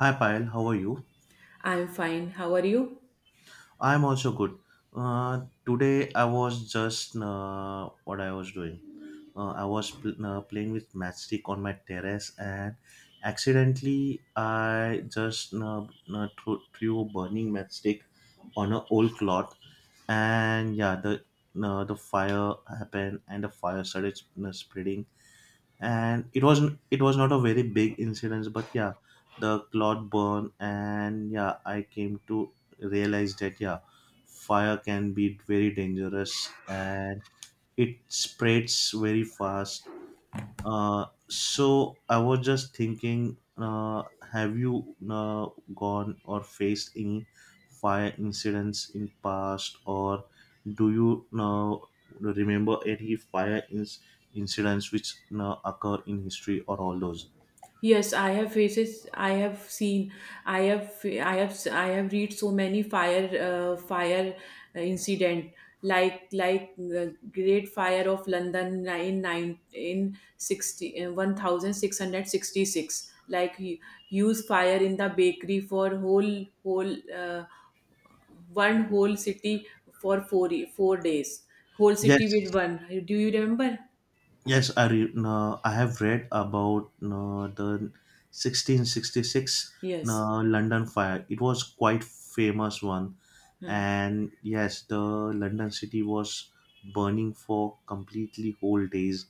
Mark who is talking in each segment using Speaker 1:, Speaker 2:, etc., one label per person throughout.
Speaker 1: Hi Payal, how are you?
Speaker 2: I'm fine. How are you?
Speaker 1: I'm also good. Today I was just what I was doing. I was playing with matchstick on my terrace and accidentally I just threw a burning matchstick on an old cloth, and yeah, the fire happened, and the fire started spreading, and it was not a very big incident, but yeah, the cloth burned. And yeah, I came to realize that yeah, fire can be very dangerous and it spreads very fast. So I was just thinking, have you gone or faced any fire incidents in past, or do you now remember any fire incidents which now occur in history or all those?
Speaker 2: Yes, I have faces. I have seen. I have read so many fire incident like the Great Fire of London in 60 1666. Like huge fire in the bakery for whole whole one whole city for four four days. Whole city with
Speaker 1: Yes,
Speaker 2: one. Do you remember?
Speaker 1: Yes, no, I have read about no, the 1666
Speaker 2: Yes.
Speaker 1: no, London fire. It was quite famous one, and yes, the London city was burning for completely whole days,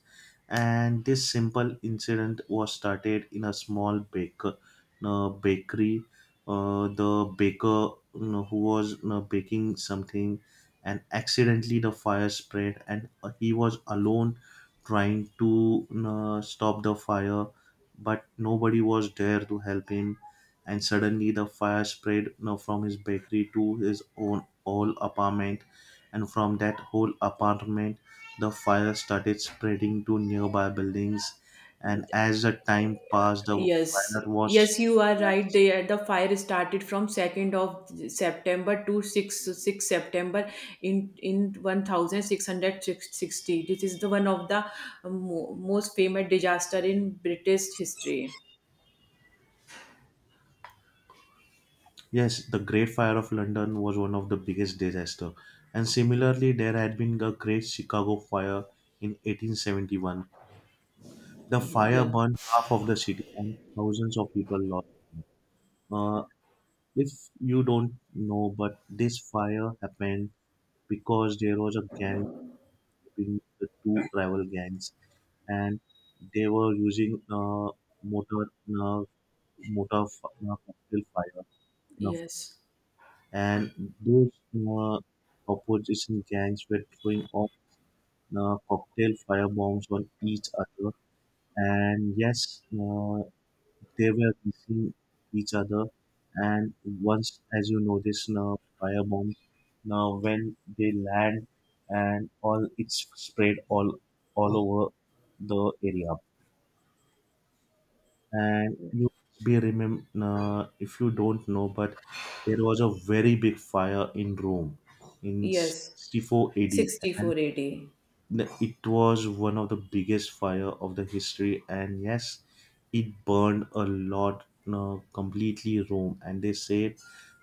Speaker 1: and this simple incident was started in a small baker, no, bakery. The baker no, who was no, baking something, and accidentally the fire spread, and he was alone trying to stop the fire, but nobody was there to help him. And suddenly, the fire spread you from his bakery to his own whole apartment, and from that whole apartment, the fire started spreading to nearby buildings. And as the time passed, the
Speaker 2: Yes,
Speaker 1: fire
Speaker 2: yes,
Speaker 1: was
Speaker 2: you are right. The fire started from 2nd of September to 6 September in 1660. This is the one of the most famous disaster in British history.
Speaker 1: yes, the Great Fire of London was one of the biggest disaster. And similarly, there had been a Great Chicago Fire in 1871. The fire
Speaker 2: Yeah,
Speaker 1: burned half of the city, and thousands of people lost. Uh, if you don't know, but this fire happened because there was a gang between the two rival gangs, and they were using motor uh, cocktail fire, uh,
Speaker 2: yes,
Speaker 1: and those opposition gangs were throwing off cocktail fire bombs on each other. And yes, they were missing each other, and once, as you notice now, firebombs. Now, when they land, and all it's spread all over the area. And you be remember if you don't know, but there was a very big fire in Rome in
Speaker 2: yes,
Speaker 1: 64 AD, and
Speaker 2: 64 AD.
Speaker 1: it was one of the biggest fire of the history, and yes, it burned a lot, completely Rome. And they said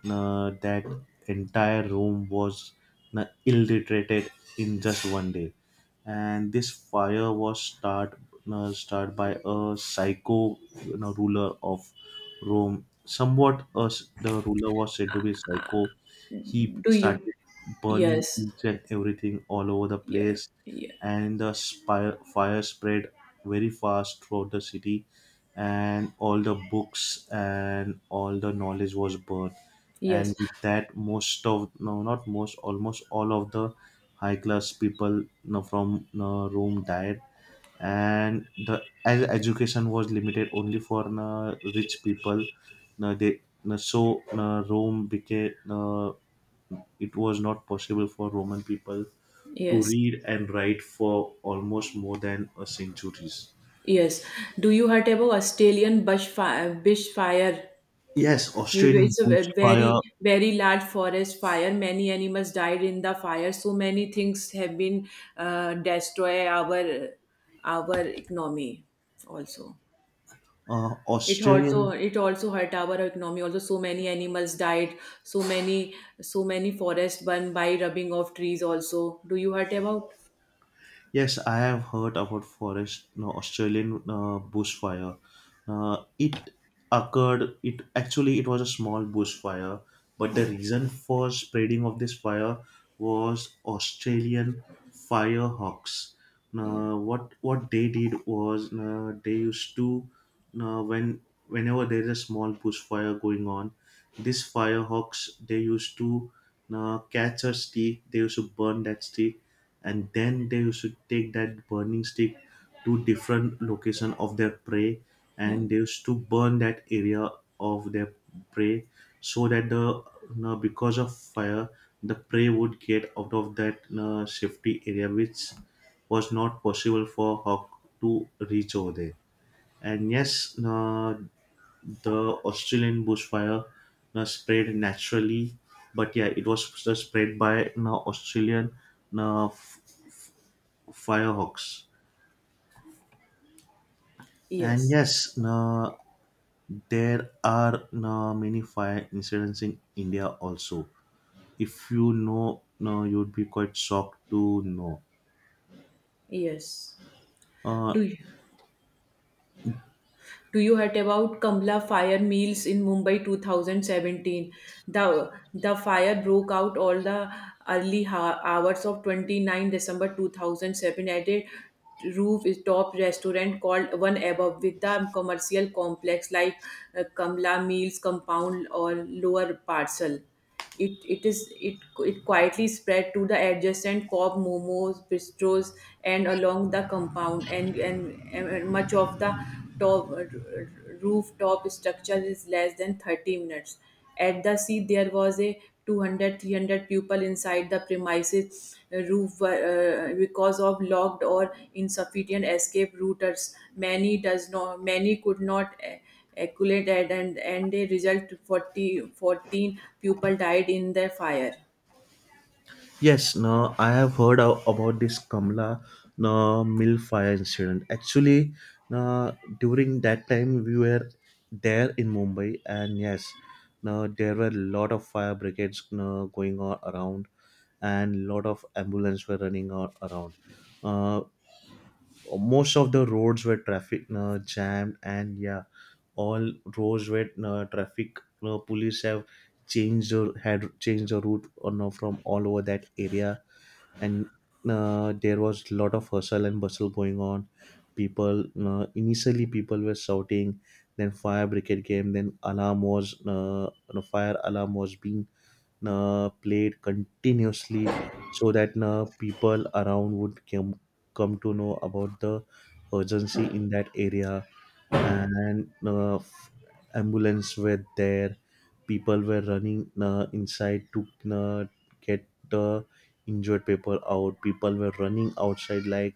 Speaker 1: that entire Rome was illiterated in just one day. And this fire was start by a psycho, you know, ruler of Rome. Somewhat, the ruler was said to be psycho. He
Speaker 2: Do you?
Speaker 1: started burning
Speaker 2: Yes,
Speaker 1: each and everything all over the
Speaker 2: yeah,
Speaker 1: place,
Speaker 2: yeah,
Speaker 1: and the fire spread very fast throughout the city, and all the books and all the knowledge was burned, and
Speaker 2: yes,
Speaker 1: with that most of no not most almost all of the high class people you from you rome died, and the as education was limited only for you rich people you they you so you rome became you it was not possible for Roman people to
Speaker 2: yes.
Speaker 1: read and write for almost more than a centuries.
Speaker 2: Yes. Do you heard about Australian bush fire.
Speaker 1: Yes, Australian
Speaker 2: It's a very,
Speaker 1: bushfire,
Speaker 2: very large forest fire. Many animals died in the fire. So many things have been destroy our economy. Also,
Speaker 1: uh,
Speaker 2: it also
Speaker 1: Australian
Speaker 2: it also hurt our economy. Also, so many animals died. So many so many forests burned by rubbing of trees. Also, do you heard about?
Speaker 1: Yes, I have heard about forest no, Australian bushfire. It occurred. It actually it was a small bushfire, but the reason for spreading of this fire was Australian firehawks.
Speaker 2: Yeah.
Speaker 1: Now, what they did was they used to when whenever there is a small bushfire going on, these firehawks they used to catch a stick. They used to burn that stick, and then they should take that burning stick to different location of their prey, and
Speaker 2: Hmm.
Speaker 1: they used to burn that area of their prey so that the now because of fire the prey would get out of that safety area which was not possible for hawk to reach over there. And yes, the australian bushfire spread naturally, but yeah it was just spread by australian uh, f- firehawks. And
Speaker 2: Yes.
Speaker 1: yes, no, there are no, many fire incidents in India also. If you know, no, you'd be quite shocked to know.
Speaker 2: Yes.
Speaker 1: Uh,
Speaker 2: Do you? Do you heard about Kamla fire meals in Mumbai 2017? The fire broke out all the early hours of 29 December 2007 at a roof top restaurant called One Above with the commercial complex like Kamla Meals compound or lower parcel. It is it it quietly spread to the adjacent pub, momos bistros, and along the compound and much of the top rooftop structure is less than 30 minutes. At the sea there was a 200, three hundred 300 people inside the premises roof because of locked or insufficient escape routers, many could not accurate at, and the result forty fourteen 14 people died in the fire.
Speaker 1: yes, no, I have heard about this Kamla no, mill fire incident. Actually, no, during that time we were there in Mumbai, and yes, no, there were a lot of fire brigades no, going on around, and lot of ambulance were running on around. Uh, most of the roads were traffic jammed, and yeah all roads were traffic police have changed or had changed the route or no from all over that area. And there was a lot of hustle and bustle going on, people initially people were shouting, then fire brigade came, then alarm was no, fire alarm was being played continuously so that people around would come, come to know about the urgency in that area. And ambulance were there, people were running inside to uh, get the injured people out, people were running outside like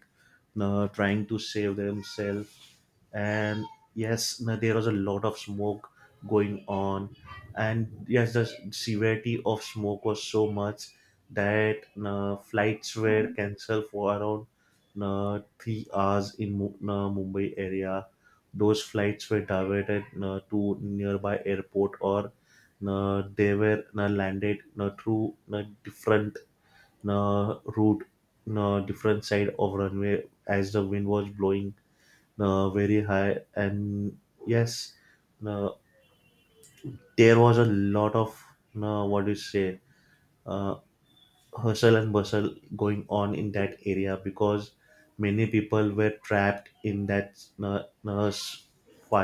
Speaker 1: trying to save themselves. And yes there was a lot of smoke going on, and yes the severity of smoke was so much that flights were cancelled for around 3 hours in mumbai area. Those flights were diverted to nearby airport, or they were landed through different route, different side of runway as the wind was blowing very high. And yes, uh, there was a lot of, what do you say, uh, hustle and bustle going on in that area because many people were trapped in that uh, uh, s-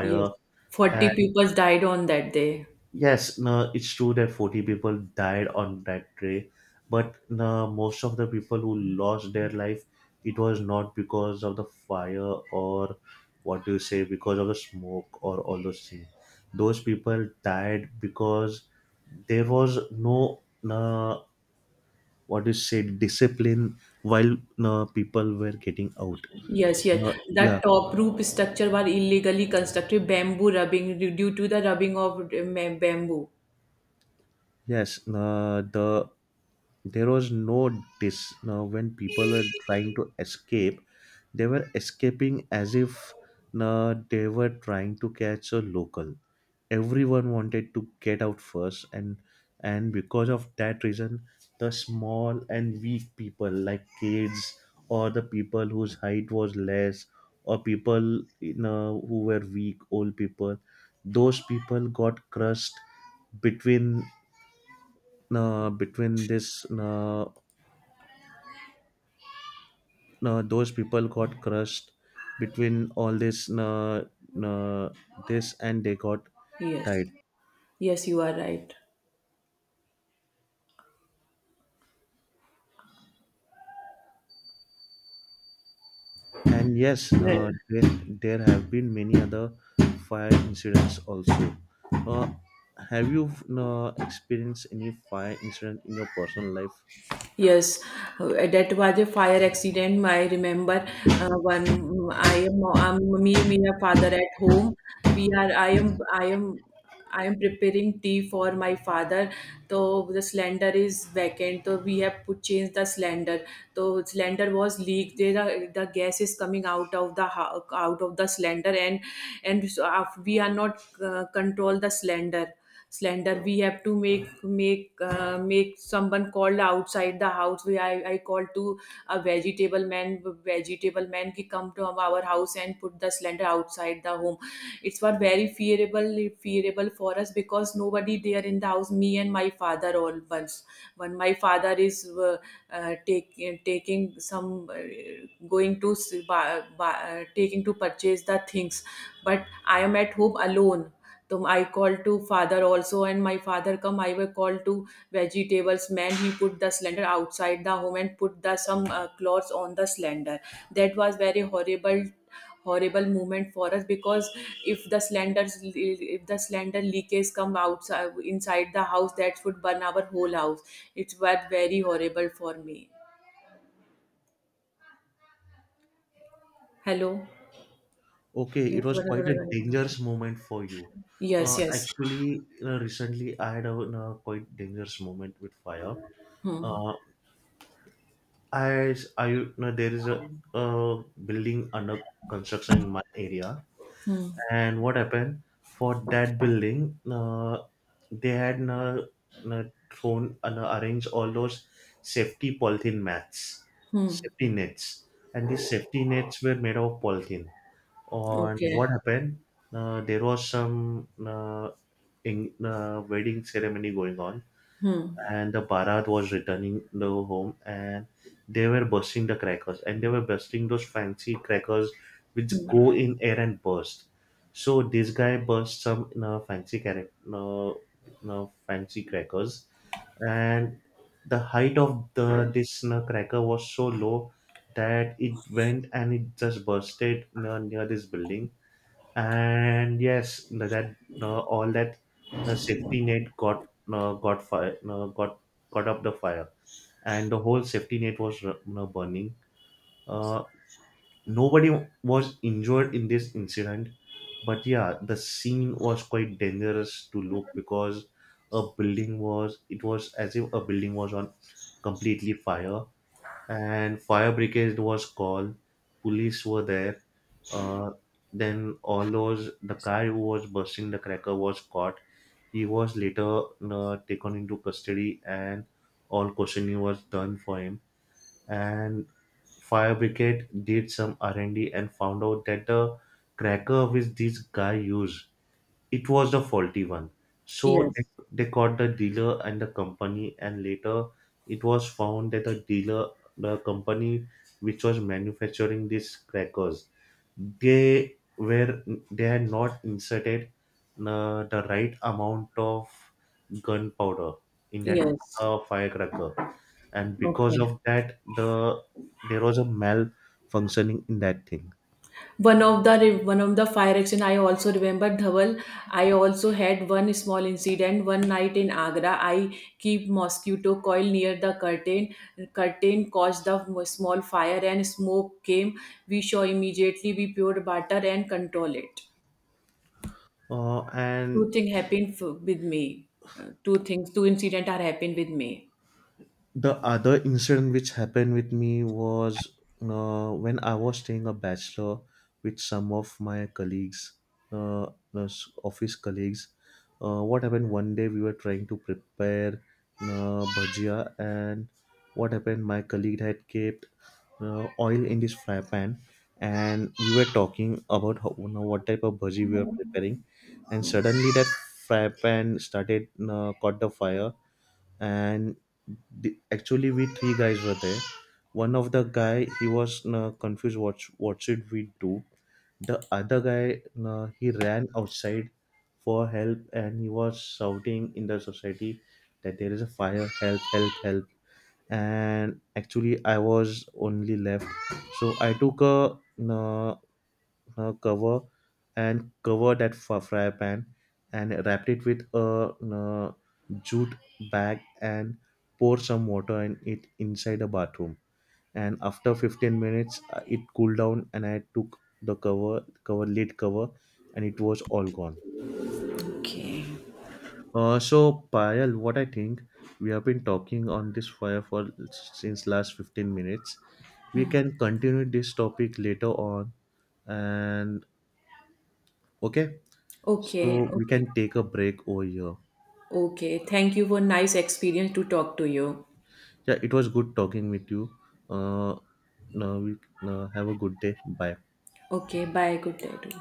Speaker 2: Yes, 40 pupils died on that day.
Speaker 1: Yes, no, it's true that 40 people died on that day, but no, most of the people who lost their life, it was not because of the fire or what do you say, because of the smoke or all those things. Those people died because there was no, no what do you say, discipline while no, people were getting out.
Speaker 2: Yes, yes.
Speaker 1: No, yeah,
Speaker 2: That top roof structure were illegally constructed bamboo rubbing due to the rubbing of bamboo.
Speaker 1: yes, no, the there was no dis now when people were trying to escape they were escaping as if they were trying to catch a local, everyone wanted to get out first, and because of that reason the small and weak people like kids, or the people whose height was less, or people, you know, who were weak old people, those people got crushed between between this those people got crushed between all this uh, this and they got
Speaker 2: Yes,
Speaker 1: died.
Speaker 2: yes, you are right.
Speaker 1: And yes
Speaker 2: Yeah.
Speaker 1: there have been many other fire incidents also. Uh, have you experienced any fire incident in your personal life?
Speaker 2: Yes, that was a fire accident. I remember one. I am me, a father at home. We are. I am. I am. I am preparing tea for my father. So the cylinder is vacant. So we have to change the cylinder. So cylinder was leaked. There the gas is coming out of the cylinder, and so we are not control the cylinder. Slender we have to make someone called outside the house. I called to a vegetable man ki come to our house and put the slender outside the home. It's what very fearable for us because nobody there in the house, me and my father, all once when my father is taking some, going to taking to purchase the things, but I am at home alone. So I called to father also, and my father come. I were called to vegetables man. He put the cylinder outside the home and put the some cloths on the cylinder. That was very horrible moment for us because if the cylinder leakage come outside inside the house, that would burn our whole house. It was very horrible for me. Hello.
Speaker 1: Okay, it was quite a dangerous moment for you.
Speaker 2: Yes. Yes.
Speaker 1: Actually recently I had a quite dangerous moment with fire. Uh, As I know, there is a building under construction in my area, and what happened for that building? They had uh, thrown and arranged all those safety polythene mats, safety nets, and these safety nets were made of polythene. On
Speaker 2: Okay.
Speaker 1: what happened? There was some wedding ceremony going on,
Speaker 2: Hmm.
Speaker 1: and the Bharat was returning the home, and they were bursting the crackers, and they were bursting those fancy crackers which go in air and burst. So this guy burst some fancy crackers, and the height of the this cracker was so low that it went and it just bursted near this building. And yes no, that no, all that no, safety net got no, got fire no, got up the fire, and the whole safety net was no, burning. uh, nobody was injured in this incident, but yeah the scene was quite dangerous to look because a building was it was as if a building was on completely fire, and fire brigade was called, police were there. uh, then all those the guy who was bursting the cracker was caught, he was later taken into custody, and all questioning was done for him. And fire brigade did some r&d and D and found out that the cracker which this guy used, it was the faulty one. So
Speaker 2: Yes.
Speaker 1: they caught the dealer and the company, and later it was found that the dealer, the company which was manufacturing these crackers, they were they had not inserted the right amount of gunpowder in that
Speaker 2: Yes.
Speaker 1: firecracker, and because
Speaker 2: Okay.
Speaker 1: of that, the there was a malfunctioning in that thing.
Speaker 2: One of the one of the fire action I also remember Dhawal. I also had one small incident one night in Agra. I keep mosquito coil near the curtain. Curtain caused the small fire and smoke came. We saw immediately we pure butter and control it.
Speaker 1: Uh,
Speaker 2: Two
Speaker 1: and
Speaker 2: things happened with me. Two things two incident are happened with me.
Speaker 1: the other incident which happened with me was when I was staying a bachelor with some of my colleagues, uh, us office colleagues. What happened one day we were trying to prepare bhajia, and what happened? My colleague had kept oil in this fry pan, and we were talking about how, you know, what type of bhaji we were preparing, and
Speaker 2: Hmm.
Speaker 1: suddenly that fry pan started caught the fire, and the, actually we three guys were there, one of the guy he was confused what should we do, the other guy he ran outside for help, and he was shouting in the society that there is a fire, help, help, help. And actually I was only left, so I took a, cover, and cover that fry pan and wrap it with a uh, jute bag, and pour some water in it inside the bathroom. And after 15 minutes it cooled down, and I took the cover, and it was all gone.
Speaker 2: Okay.
Speaker 1: So Payal, what I think we have been talking on this fire for since last 15 minutes. We can continue this topic later on, and okay.
Speaker 2: Okay,
Speaker 1: So we
Speaker 2: okay,
Speaker 1: can take a break over here.
Speaker 2: okay, thank you for nice experience to talk to you.
Speaker 1: Yeah, it was good talking with you. Uh, now we have a good day. Bye.
Speaker 2: Okay, bye, good day to you.